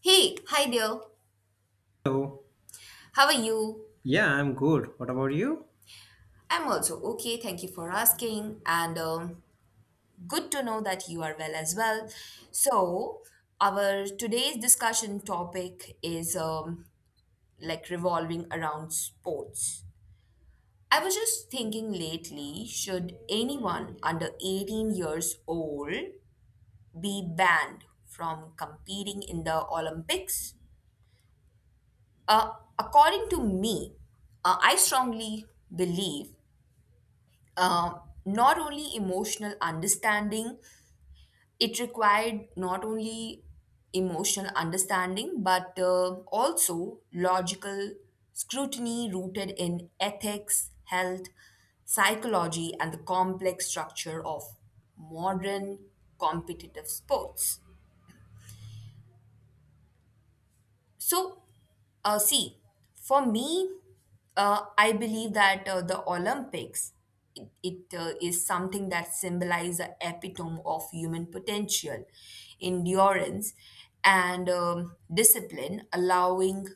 Hey, hi there. So, How are you? yeah, I'm good. What about you? I'm also okay. Thank you for asking. And Good to know that you are well as well. So, our today's discussion topic is like revolving around sports. I was just thinking lately, should anyone under 18 years old be banned from competing in the Olympics? Uh, According to me, I strongly believe um, not only emotional understanding it required not only emotional understanding, but also logical scrutiny rooted in ethics, health, psychology, and the complex structure of modern competitive sports. So, see, for me, I believe that the Olympics, it is something that symbolizes the epitome of human potential, endurance, and discipline. Allowing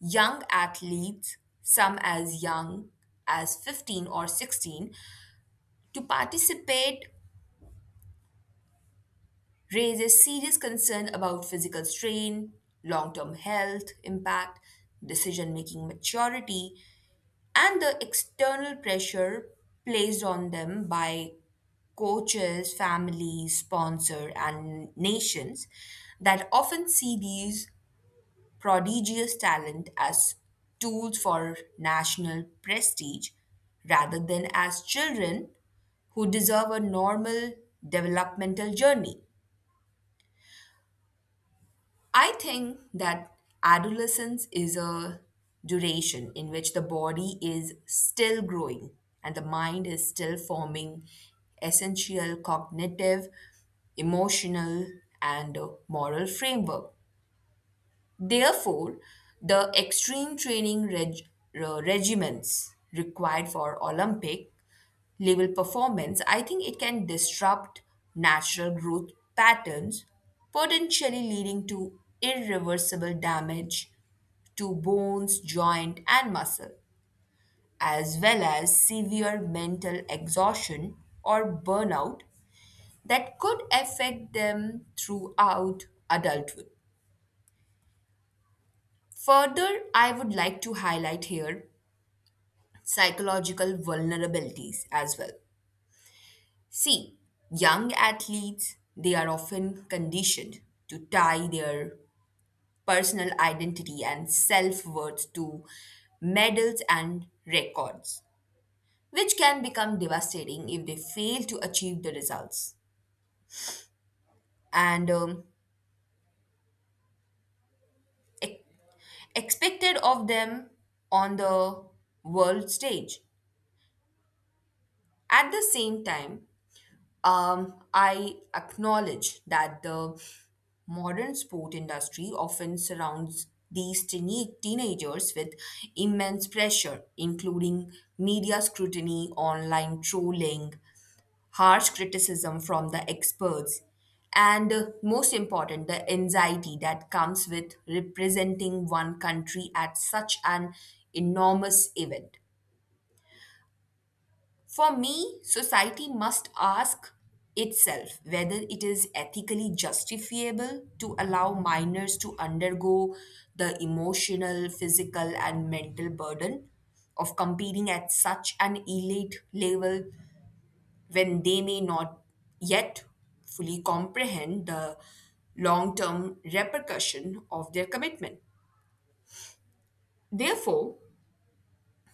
young athletes, some as young as 15 or 16, to participate raises serious concern about physical strain, long term health impact, decision making maturity, and the external pressure placed on them by coaches, families, sponsor, and nations that often see these prodigious talent as tools for national prestige rather than as children who deserve a normal developmental journey. I think that adolescence is a duration in which the body is still growing and the mind is still forming essential cognitive, emotional, and moral framework. Therefore, the extreme regimens required for Olympic level performance, I think it can disrupt natural growth patterns, potentially leading to irreversible damage to bones, joint, and muscle, as well as severe mental exhaustion or burnout that could affect them throughout adulthood. Further, I would like to highlight here psychological vulnerabilities as well. See, young athletes, they are often conditioned to tie their personal identity and self-worth to medals and records, which can become devastating if they fail to achieve the results. And um, e- expected of them on the world stage. At the same time, I acknowledge that the modern sport industry often surrounds these teenagers with immense pressure, including media scrutiny, online trolling, harsh criticism from the experts, and most important, the anxiety that comes with representing one country at such an enormous event. For me, society must ask itself whether it is ethically justifiable to allow minors to undergo the emotional, physical, and mental burden of competing at such an elite level when they may not yet fully comprehend the long term repercussion of their commitment. Therefore,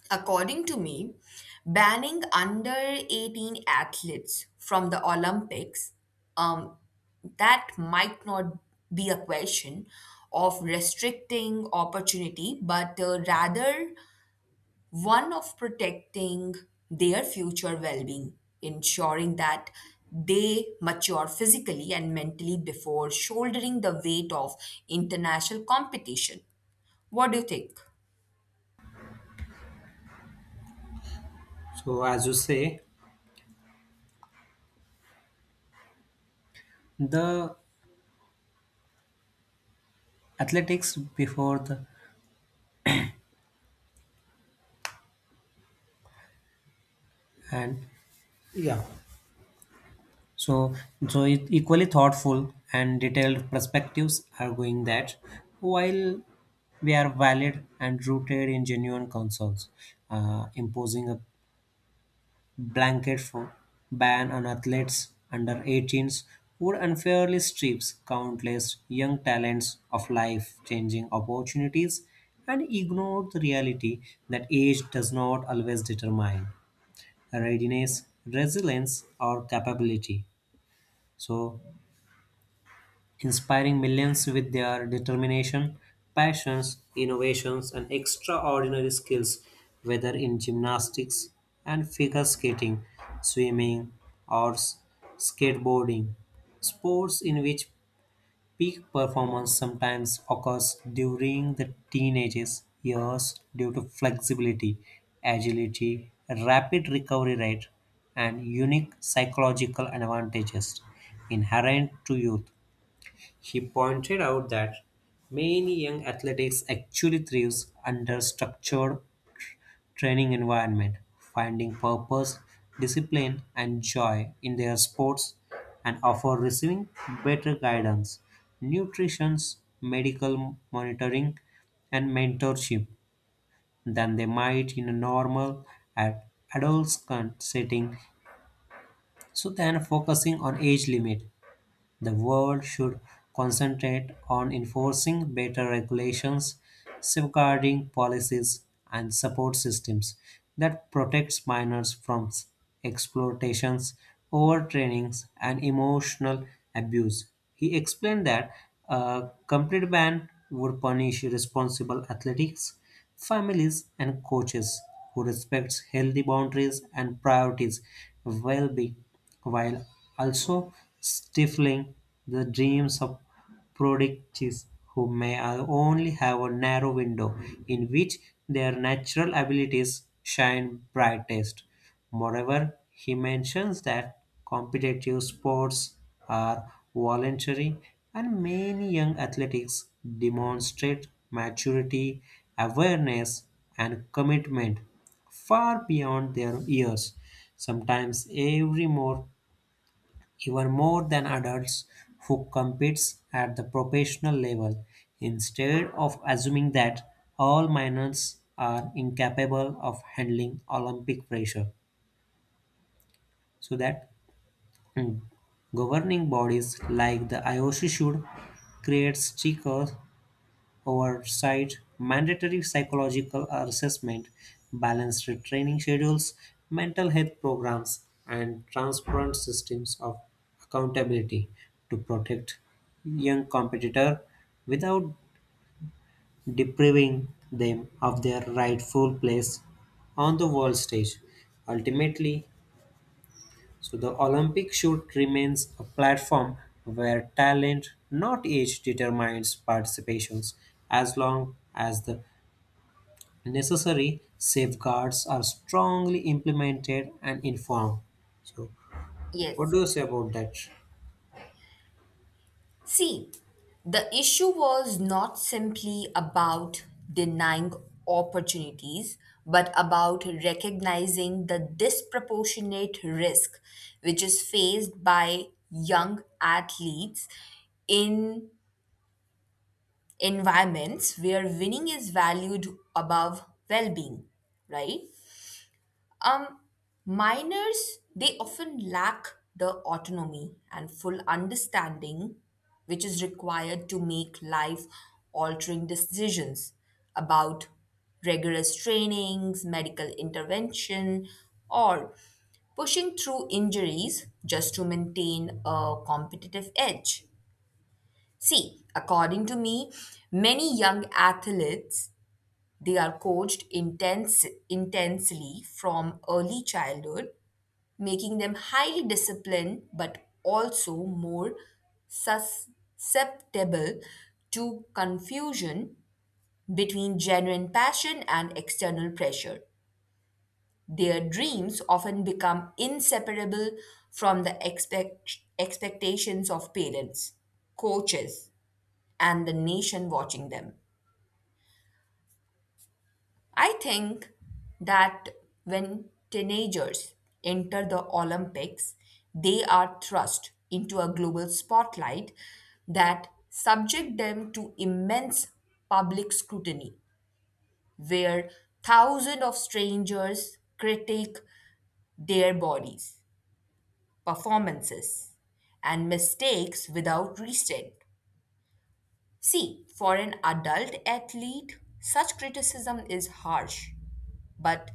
according to me, banning under 18 athletes from the Olympics, um, that might not be a question of restricting opportunity, but rather one of protecting their future well being, ensuring that they mature physically and mentally before shouldering the weight of international competition. What do you think? So, as you say, the athletics before the and yeah, so so it equally thoughtful and detailed perspectives are going that while we are valid and rooted in genuine concerns, imposing a blanket for ban on athletes under 18s would unfairly strips countless young talents of life-changing opportunities and ignore the reality that age does not always determine readiness, resilience, or capability. So inspiring millions with their determination, passions, innovations, and extraordinary skills, whether in gymnastics and figure skating, swimming, or skateboarding. Sports in which peak performance sometimes occurs during the teenagers years due to flexibility, agility, rapid recovery rate, and unique psychological advantages inherent to youth. He pointed out that many young athletes actually thrives under structured training environment, finding purpose, discipline, and joy in their sports, and offer receiving better guidance, nutrition, medical monitoring, and mentorship than they might in a normal ad- adolescent setting. So, then focusing on age limit the world should concentrate on enforcing better regulations, safeguarding policies, and support systems that protects minors from exploitations, overtrainings, and emotional abuse. He explained that a complete ban would punish responsible athletics, families, and coaches who respect healthy boundaries and priorities well-being, while also stifling the dreams of prodigies who may only have a narrow window in which their natural abilities shine brightest. Moreover, he mentions that competitive sports are voluntary and many young athletics demonstrate maturity, awareness, and commitment far beyond their years, sometimes every more even more than adults who competes at the professional level, instead of assuming that all minors are incapable of handling Olympic pressure. So that mm, governing bodies like the IOC should create stickers oversight, mandatory psychological assessment, balanced training schedules, mental health programs, and transparent systems of accountability to protect young competitor without depriving them of their rightful place on the world stage. Ultimately, so the Olympic shoot remains a platform where talent, not age, determines participations, as long as the necessary safeguards are strongly implemented and informed. So, what Yes. do you say about that? See, the issue was not simply about denying opportunities, but about recognizing the disproportionate risk which is faced by young athletes in environments where winning is valued above well being, right? Um, miners, they often lack the autonomy and full understanding which is required to make life altering decisions about rigorous trainings, medical intervention, or pushing through injuries just to maintain a competitive edge. See, according to me, many young athletes, they are coached intensely from early childhood, making them highly disciplined but also more susceptible to confusion between genuine passion and external pressure. Their dreams often become inseparable from the expectations of parents, coaches, and the nation watching them. I think that when teenagers enter the Olympics, they are thrust into a global spotlight that subject them to immense public scrutiny, where thousands of strangers critique their bodies, performances, and mistakes without restraint. See, for an adult athlete, such criticism is harsh but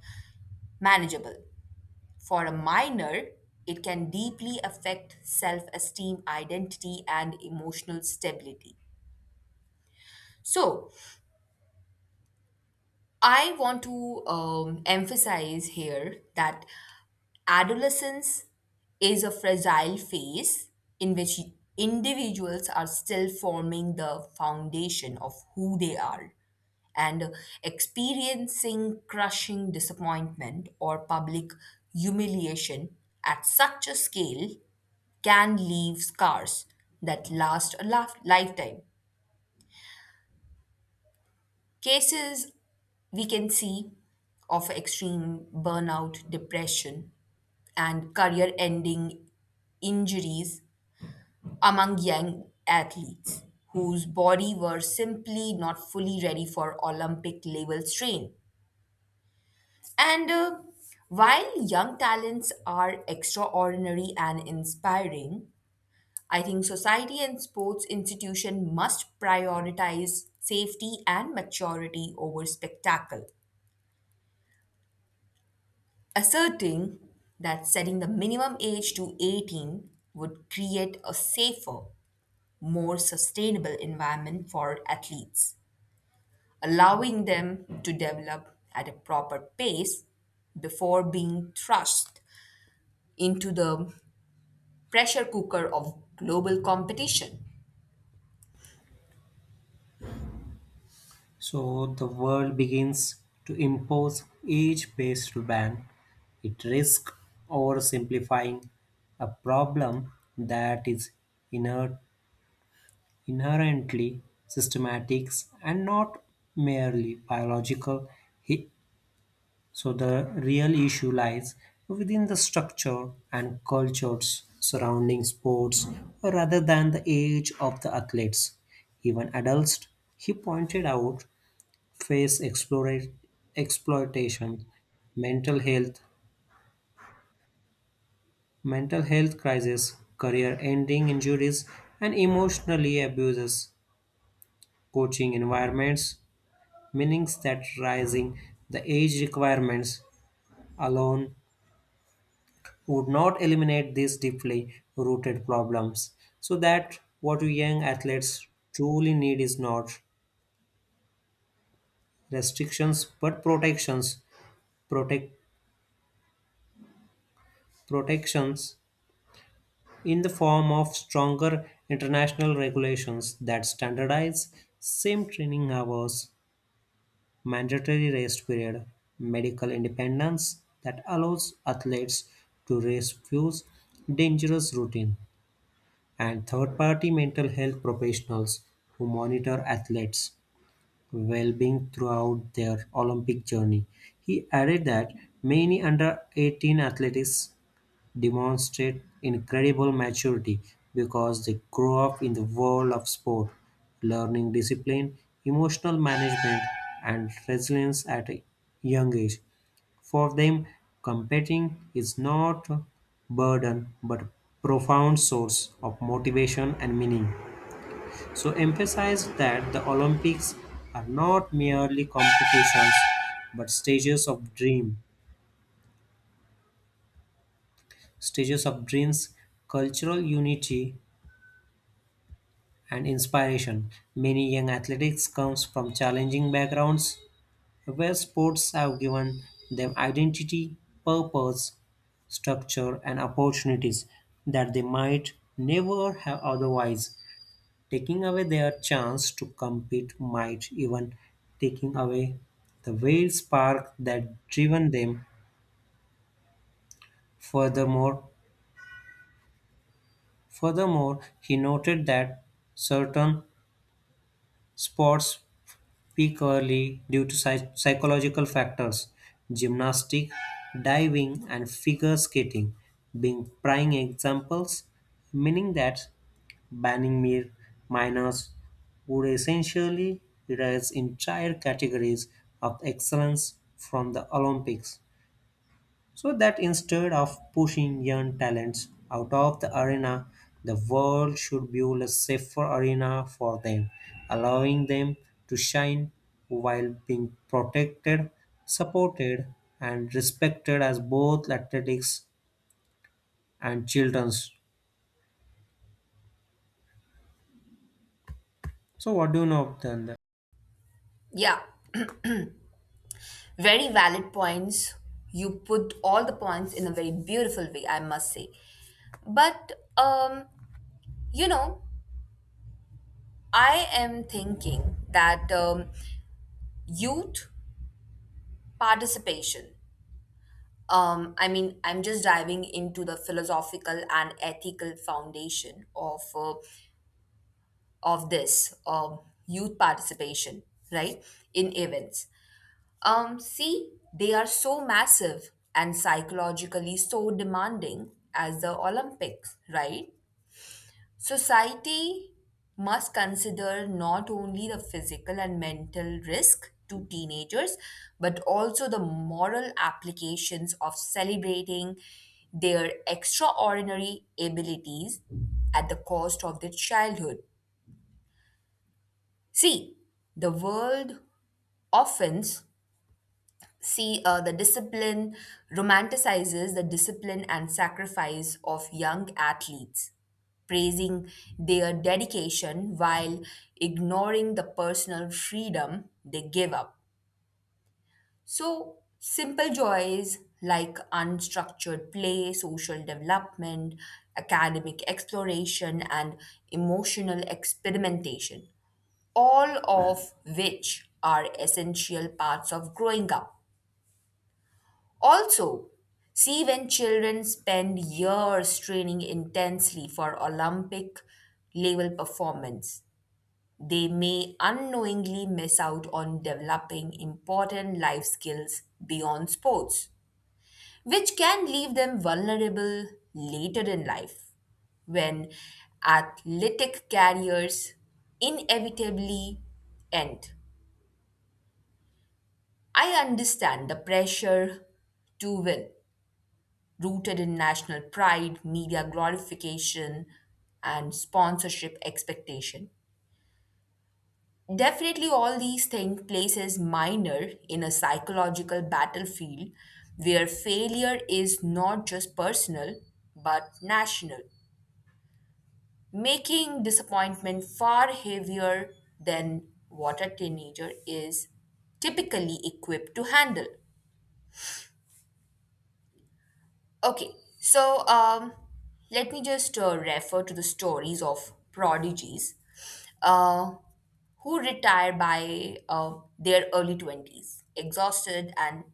manageable. For a minor, it can deeply affect self esteem, identity, and emotional stability. So, I want to emphasize here that adolescence is a fragile phase in which individuals are still forming the foundation of who they are, and experiencing crushing disappointment or public humiliation at such a scale can leave scars that last a lifetime. Cases we can see of extreme burnout, depression, and career ending injuries among young athletes whose body were simply not fully ready for Olympic level strain. And While young talents are extraordinary and inspiring, I think society and sports institution must prioritize safety and maturity over spectacle, asserting that setting the minimum age to 18 would create a safer, more sustainable environment for athletes, allowing them to develop at a proper pace before being thrust into the pressure cooker of global competition. So, the world begins to impose age based ban. It risks oversimplifying a problem that is inher- inherently systematic and not merely biological. So the real issue lies within the structure and cultures surrounding sports rather than the age of the athletes. Even adults, he pointed out, face exploitation, mental health, mental health crisis, career ending injuries, and emotionally abuses, coaching environments, meanings that rising the age requirements alone would not eliminate these deeply rooted problems. So that what young athletes truly need is not restrictions but protections. Protect protections in the form of stronger international regulations that standardize same training hours, mandatory rest period, medical independence that allows athletes to refuse dangerous routine, and third-party mental health professionals who monitor athletes' well-being throughout their Olympic journey. He added that many under-18 athletes demonstrate incredible maturity because they grow up in the world of sport, learning discipline, emotional management, and resilience at a young age. For them, competing is not a burden but a profound source of motivation and meaning. So, emphasize that the Olympics are not merely competitions but stages of dream, stages of dreams, cultural unity, and inspiration. Many young athletes comes from challenging backgrounds where sports have given them identity, purpose, structure, and opportunities that they might never have otherwise. Taking away their chance to compete might even taking away the very spark that driven them. Furthermore, furthermore, he noted that certain sports peak early due to psychological factors, gymnastics, diving, and figure skating being prime examples, meaning that banning mere minors would essentially erase entire categories of excellence from the Olympics. So that instead of pushing young talents out of the arena, the world should build a safer arena for them, allowing them to shine while being protected, supported, and respected as both athletics and children's. So, what do you know of that? Yeah, very valid points. You put all the points in a very beautiful way, I must say. But, you know, I am thinking that youth participation, I mean, I'm just diving into the philosophical and ethical foundation of, of this youth participation, right, in events. See, they are so massive and psychologically so demanding as the Olympics, right? Society must consider not only the physical and mental risk to teenagers, but also the moral applications of celebrating their extraordinary abilities at the cost of their childhood. See, the world often See, the discipline romanticizes the discipline and sacrifice of young athletes, praising their dedication while ignoring the personal freedom they give up. So, simple joys like unstructured play, social development, academic exploration, and emotional experimentation, all of which are essential parts of growing up. Also, see, when children spend years training intensely for Olympic level performance, they may unknowingly miss out on developing important life skills beyond sports, which can leave them vulnerable later in life when athletic careers inevitably end. I understand the pressure to win rooted in national pride, media glorification, and sponsorship expectation. Definitely, all these things places minor in a psychological battlefield where failure is not just personal but national, making disappointment far heavier than what a teenager is typically equipped to handle. Okay, so let me just refer to the stories of prodigies uh, who retire by their early 20s, exhausted and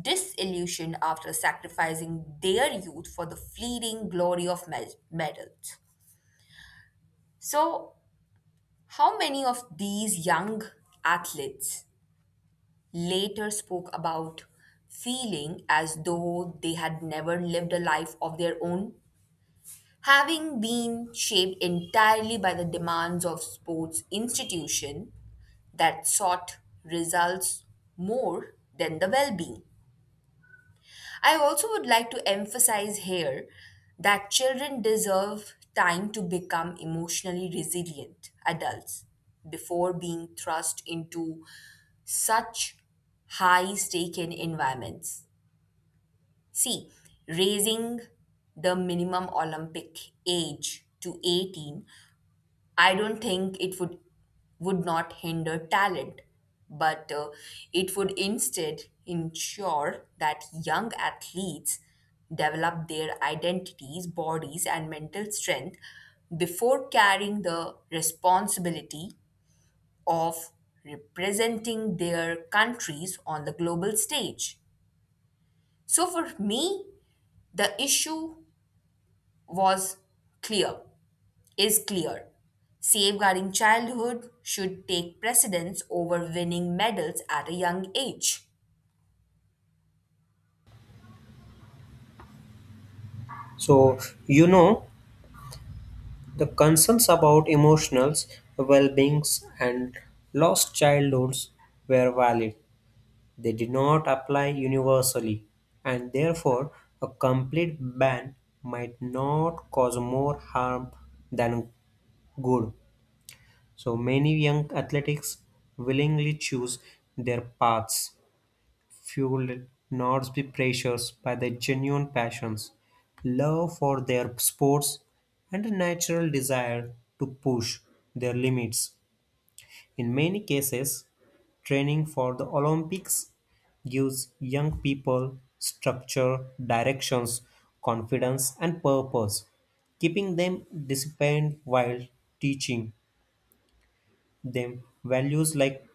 disillusioned after sacrificing their youth for the fleeting glory of medals. So, how many of these young athletes later spoke about feeling as though they had never lived a life of their own, having been shaped entirely by the demands of sports institution that sought results more than the well-being? I also would like to emphasize here that children deserve time to become emotionally resilient adults before being thrust into such high stake in environments. See, raising the minimum Olympic age to 18, I don't think it would not hinder talent, but it would instead ensure that young athletes develop their identities, bodies, and mental strength before carrying the responsibility of representing their countries on the global stage. So for me, the issue was clear is clear. Safeguarding childhood should take precedence over winning medals at a young age. So, you know, the concerns about emotional well beings and lost childhoods were valid. They did not apply universally, and therefore a complete ban might not cause more harm than good. So many young athletes willingly choose their paths, fueled not by pressures by their genuine passions, love for their sports, and a natural desire to push their limits. In many cases, training for the Olympics gives young people structure, directions, confidence, and purpose, keeping them disciplined while teaching them values like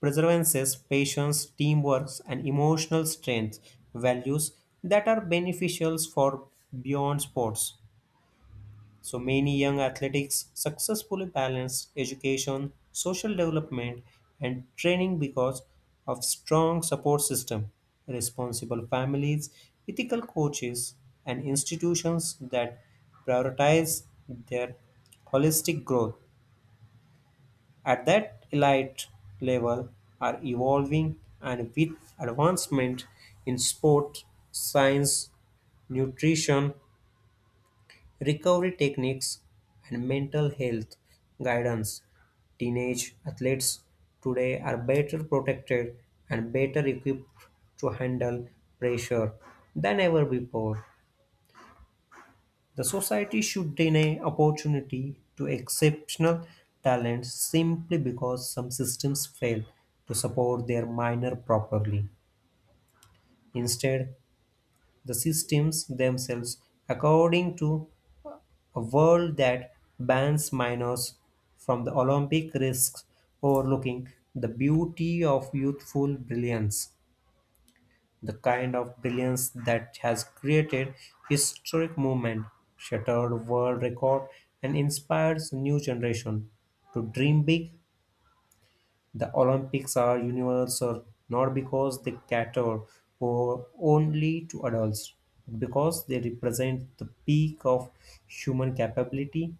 perseverance, patience, teamwork, and emotional strength, values that are beneficial for beyond sports. So many young athletes successfully balance education, social development, and training because of strong support system, responsible families, ethical coaches, and institutions that prioritize their holistic growth at that elite level, are evolving and with advancement in sport, science, nutrition, recovery techniques, and mental health guidance. Teenage athletes today are better protected and better equipped to handle pressure than ever before. The society should deny opportunity to exceptional talent simply because some systems fail to support their minor properly. Instead, the systems themselves, according to a world that bans minors from the Olympic risks overlooking the beauty of youthful brilliance, the kind of brilliance that has created historic movement, shattered world record, and inspires new generation to dream big. The Olympics are universal not because they cater for only to adults, but because they represent the peak of human capability,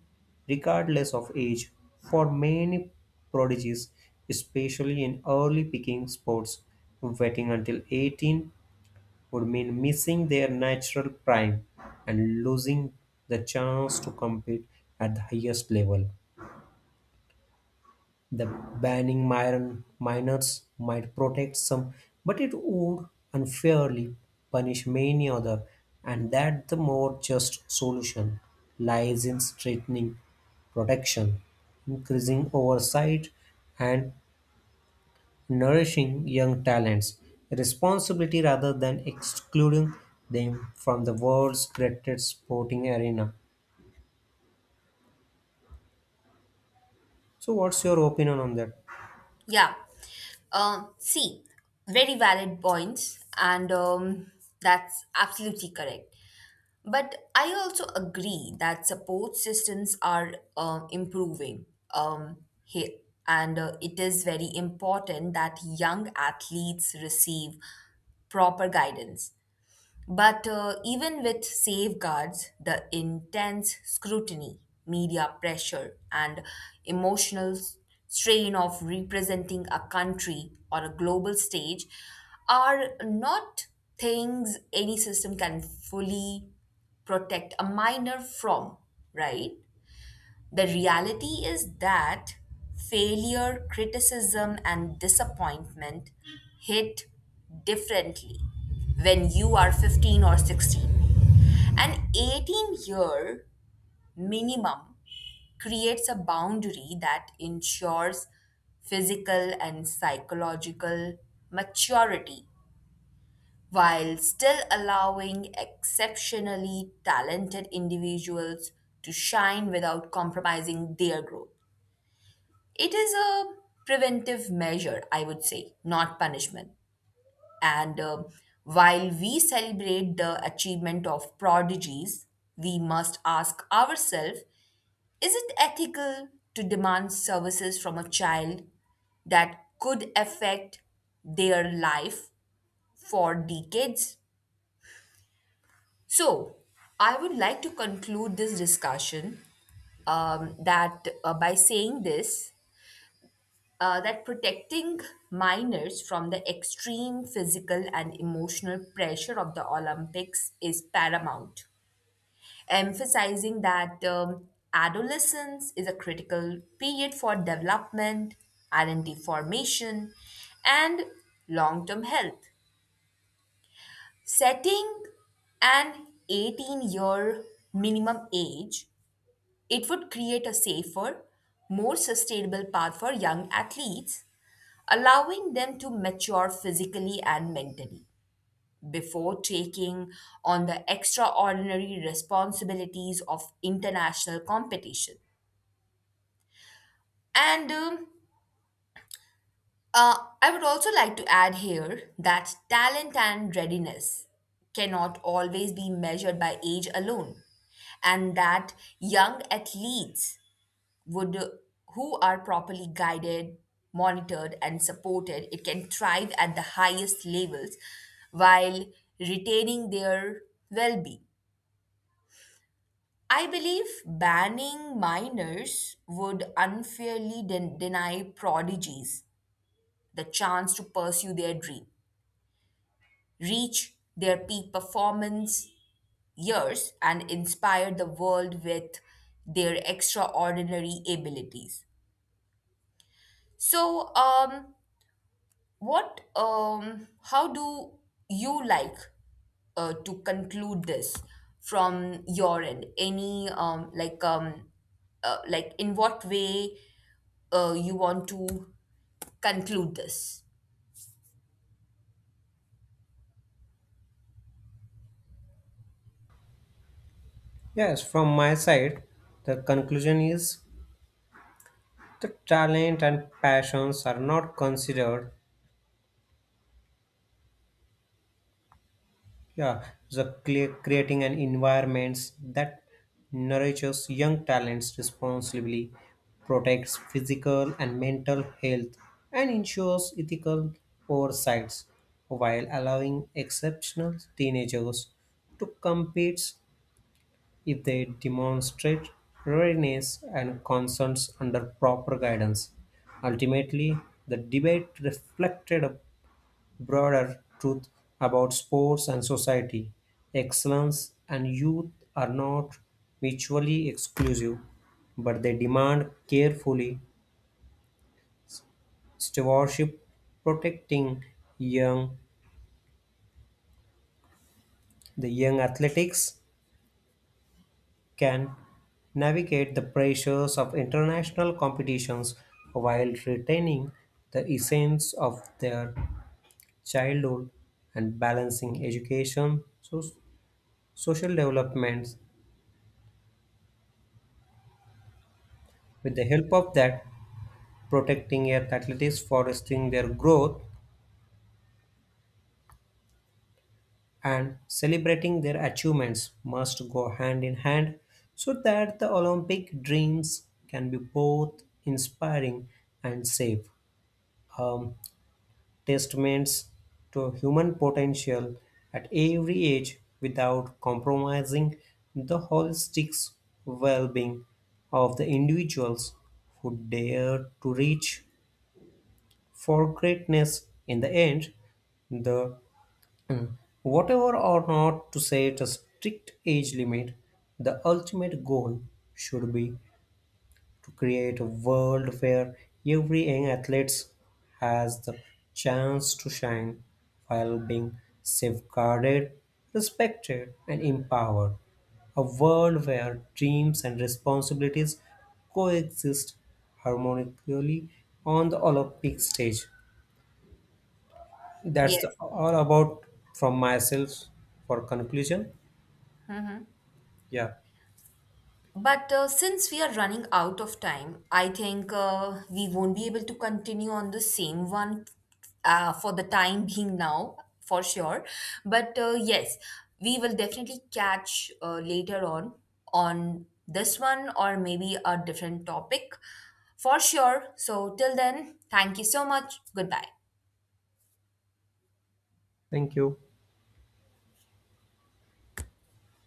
regardless of age. For many prodigies, especially in early picking sports, waiting until 18 would mean missing their natural prime and losing the chance to compete at the highest level. The banning minors might protect some, but it would unfairly punish many others, and that the more just solution lies in strengthening protection, increasing oversight, and nourishing young talents. Responsibility rather than excluding them from the world's greatest sporting arena. So, what's your opinion on that? Yeah. See, very valid points, and that's absolutely correct. But I also agree that support systems are improving. Here, and it is very important that young athletes receive proper guidance. But even with safeguards, the intense scrutiny, media pressure, and emotional strain of representing a country on a global stage are not things any system can fully protect a minor from, right? The reality is that failure, criticism, and disappointment hit differently when you are 15 or 16. An 18 year minimum creates a boundary that ensures physical and psychological maturity while still allowing exceptionally talented individuals to shine without compromising their growth. It is a preventive measure, I would say, not punishment. And While we celebrate the achievement of prodigies, we must ask ourselves, is it ethical to demand services from a child that could affect their life for decades? So, I would like to conclude this discussion that by saying this, that protecting minors from the extreme physical and emotional pressure of the Olympics is paramount, emphasizing that adolescence is a critical period for development, identity formation, and long term health. Setting an 18-year minimum age, it would create a safer, more sustainable path for young athletes, allowing them to mature physically and mentally before taking on the extraordinary responsibilities of international competition. And I would also like to add here that talent and readiness cannot always be measured by age alone, and that young athletes would who are properly guided, monitored, and supported, it can thrive at the highest levels while retaining their well being. I believe banning minors would unfairly deny prodigies the chance to pursue their dream, reach their peak performance years, and inspire the world with their extraordinary abilities. So, what, how do you like to conclude this from your end? Like in what way you want to conclude this? Yes, from my side, the conclusion is, the talent and passions are not considered, yeah, the clear, creating an environment that nourishes young talents responsibly, protects physical and mental health, and ensures ethical oversights while allowing exceptional teenagers to compete if they demonstrate readiness and concerns under proper guidance. Ultimately, the debate reflected a broader truth about sports and society. Excellence and youth are not mutually exclusive, but they demand carefully stewardship, protecting young the young athletics can navigate the pressures of international competitions while retaining the essence of their childhood and balancing education, so, social developments. With the help of that, protecting your athletes, fostering their growth, and celebrating their achievements must go hand in hand, so that the Olympic dreams can be both inspiring and safe. Um, testaments to human potential at every age without compromising the holistic well being of the individuals who dare to reach for greatness. In the end, the mm, whatever or not to set a strict age limit, the ultimate goal should be to create a world where every young athlete has the chance to shine while being safeguarded, respected, and empowered, a world where dreams and responsibilities coexist harmonically on the Olympic stage. That's Yes. all about from myself for conclusion. Yeah. But since we are running out of time, I think we won't be able to continue on the same one for the time being now, for sure. But yes, we will definitely catch later on this one or maybe a different topic for sure. So, till then, thank you so much. Goodbye. Thank you.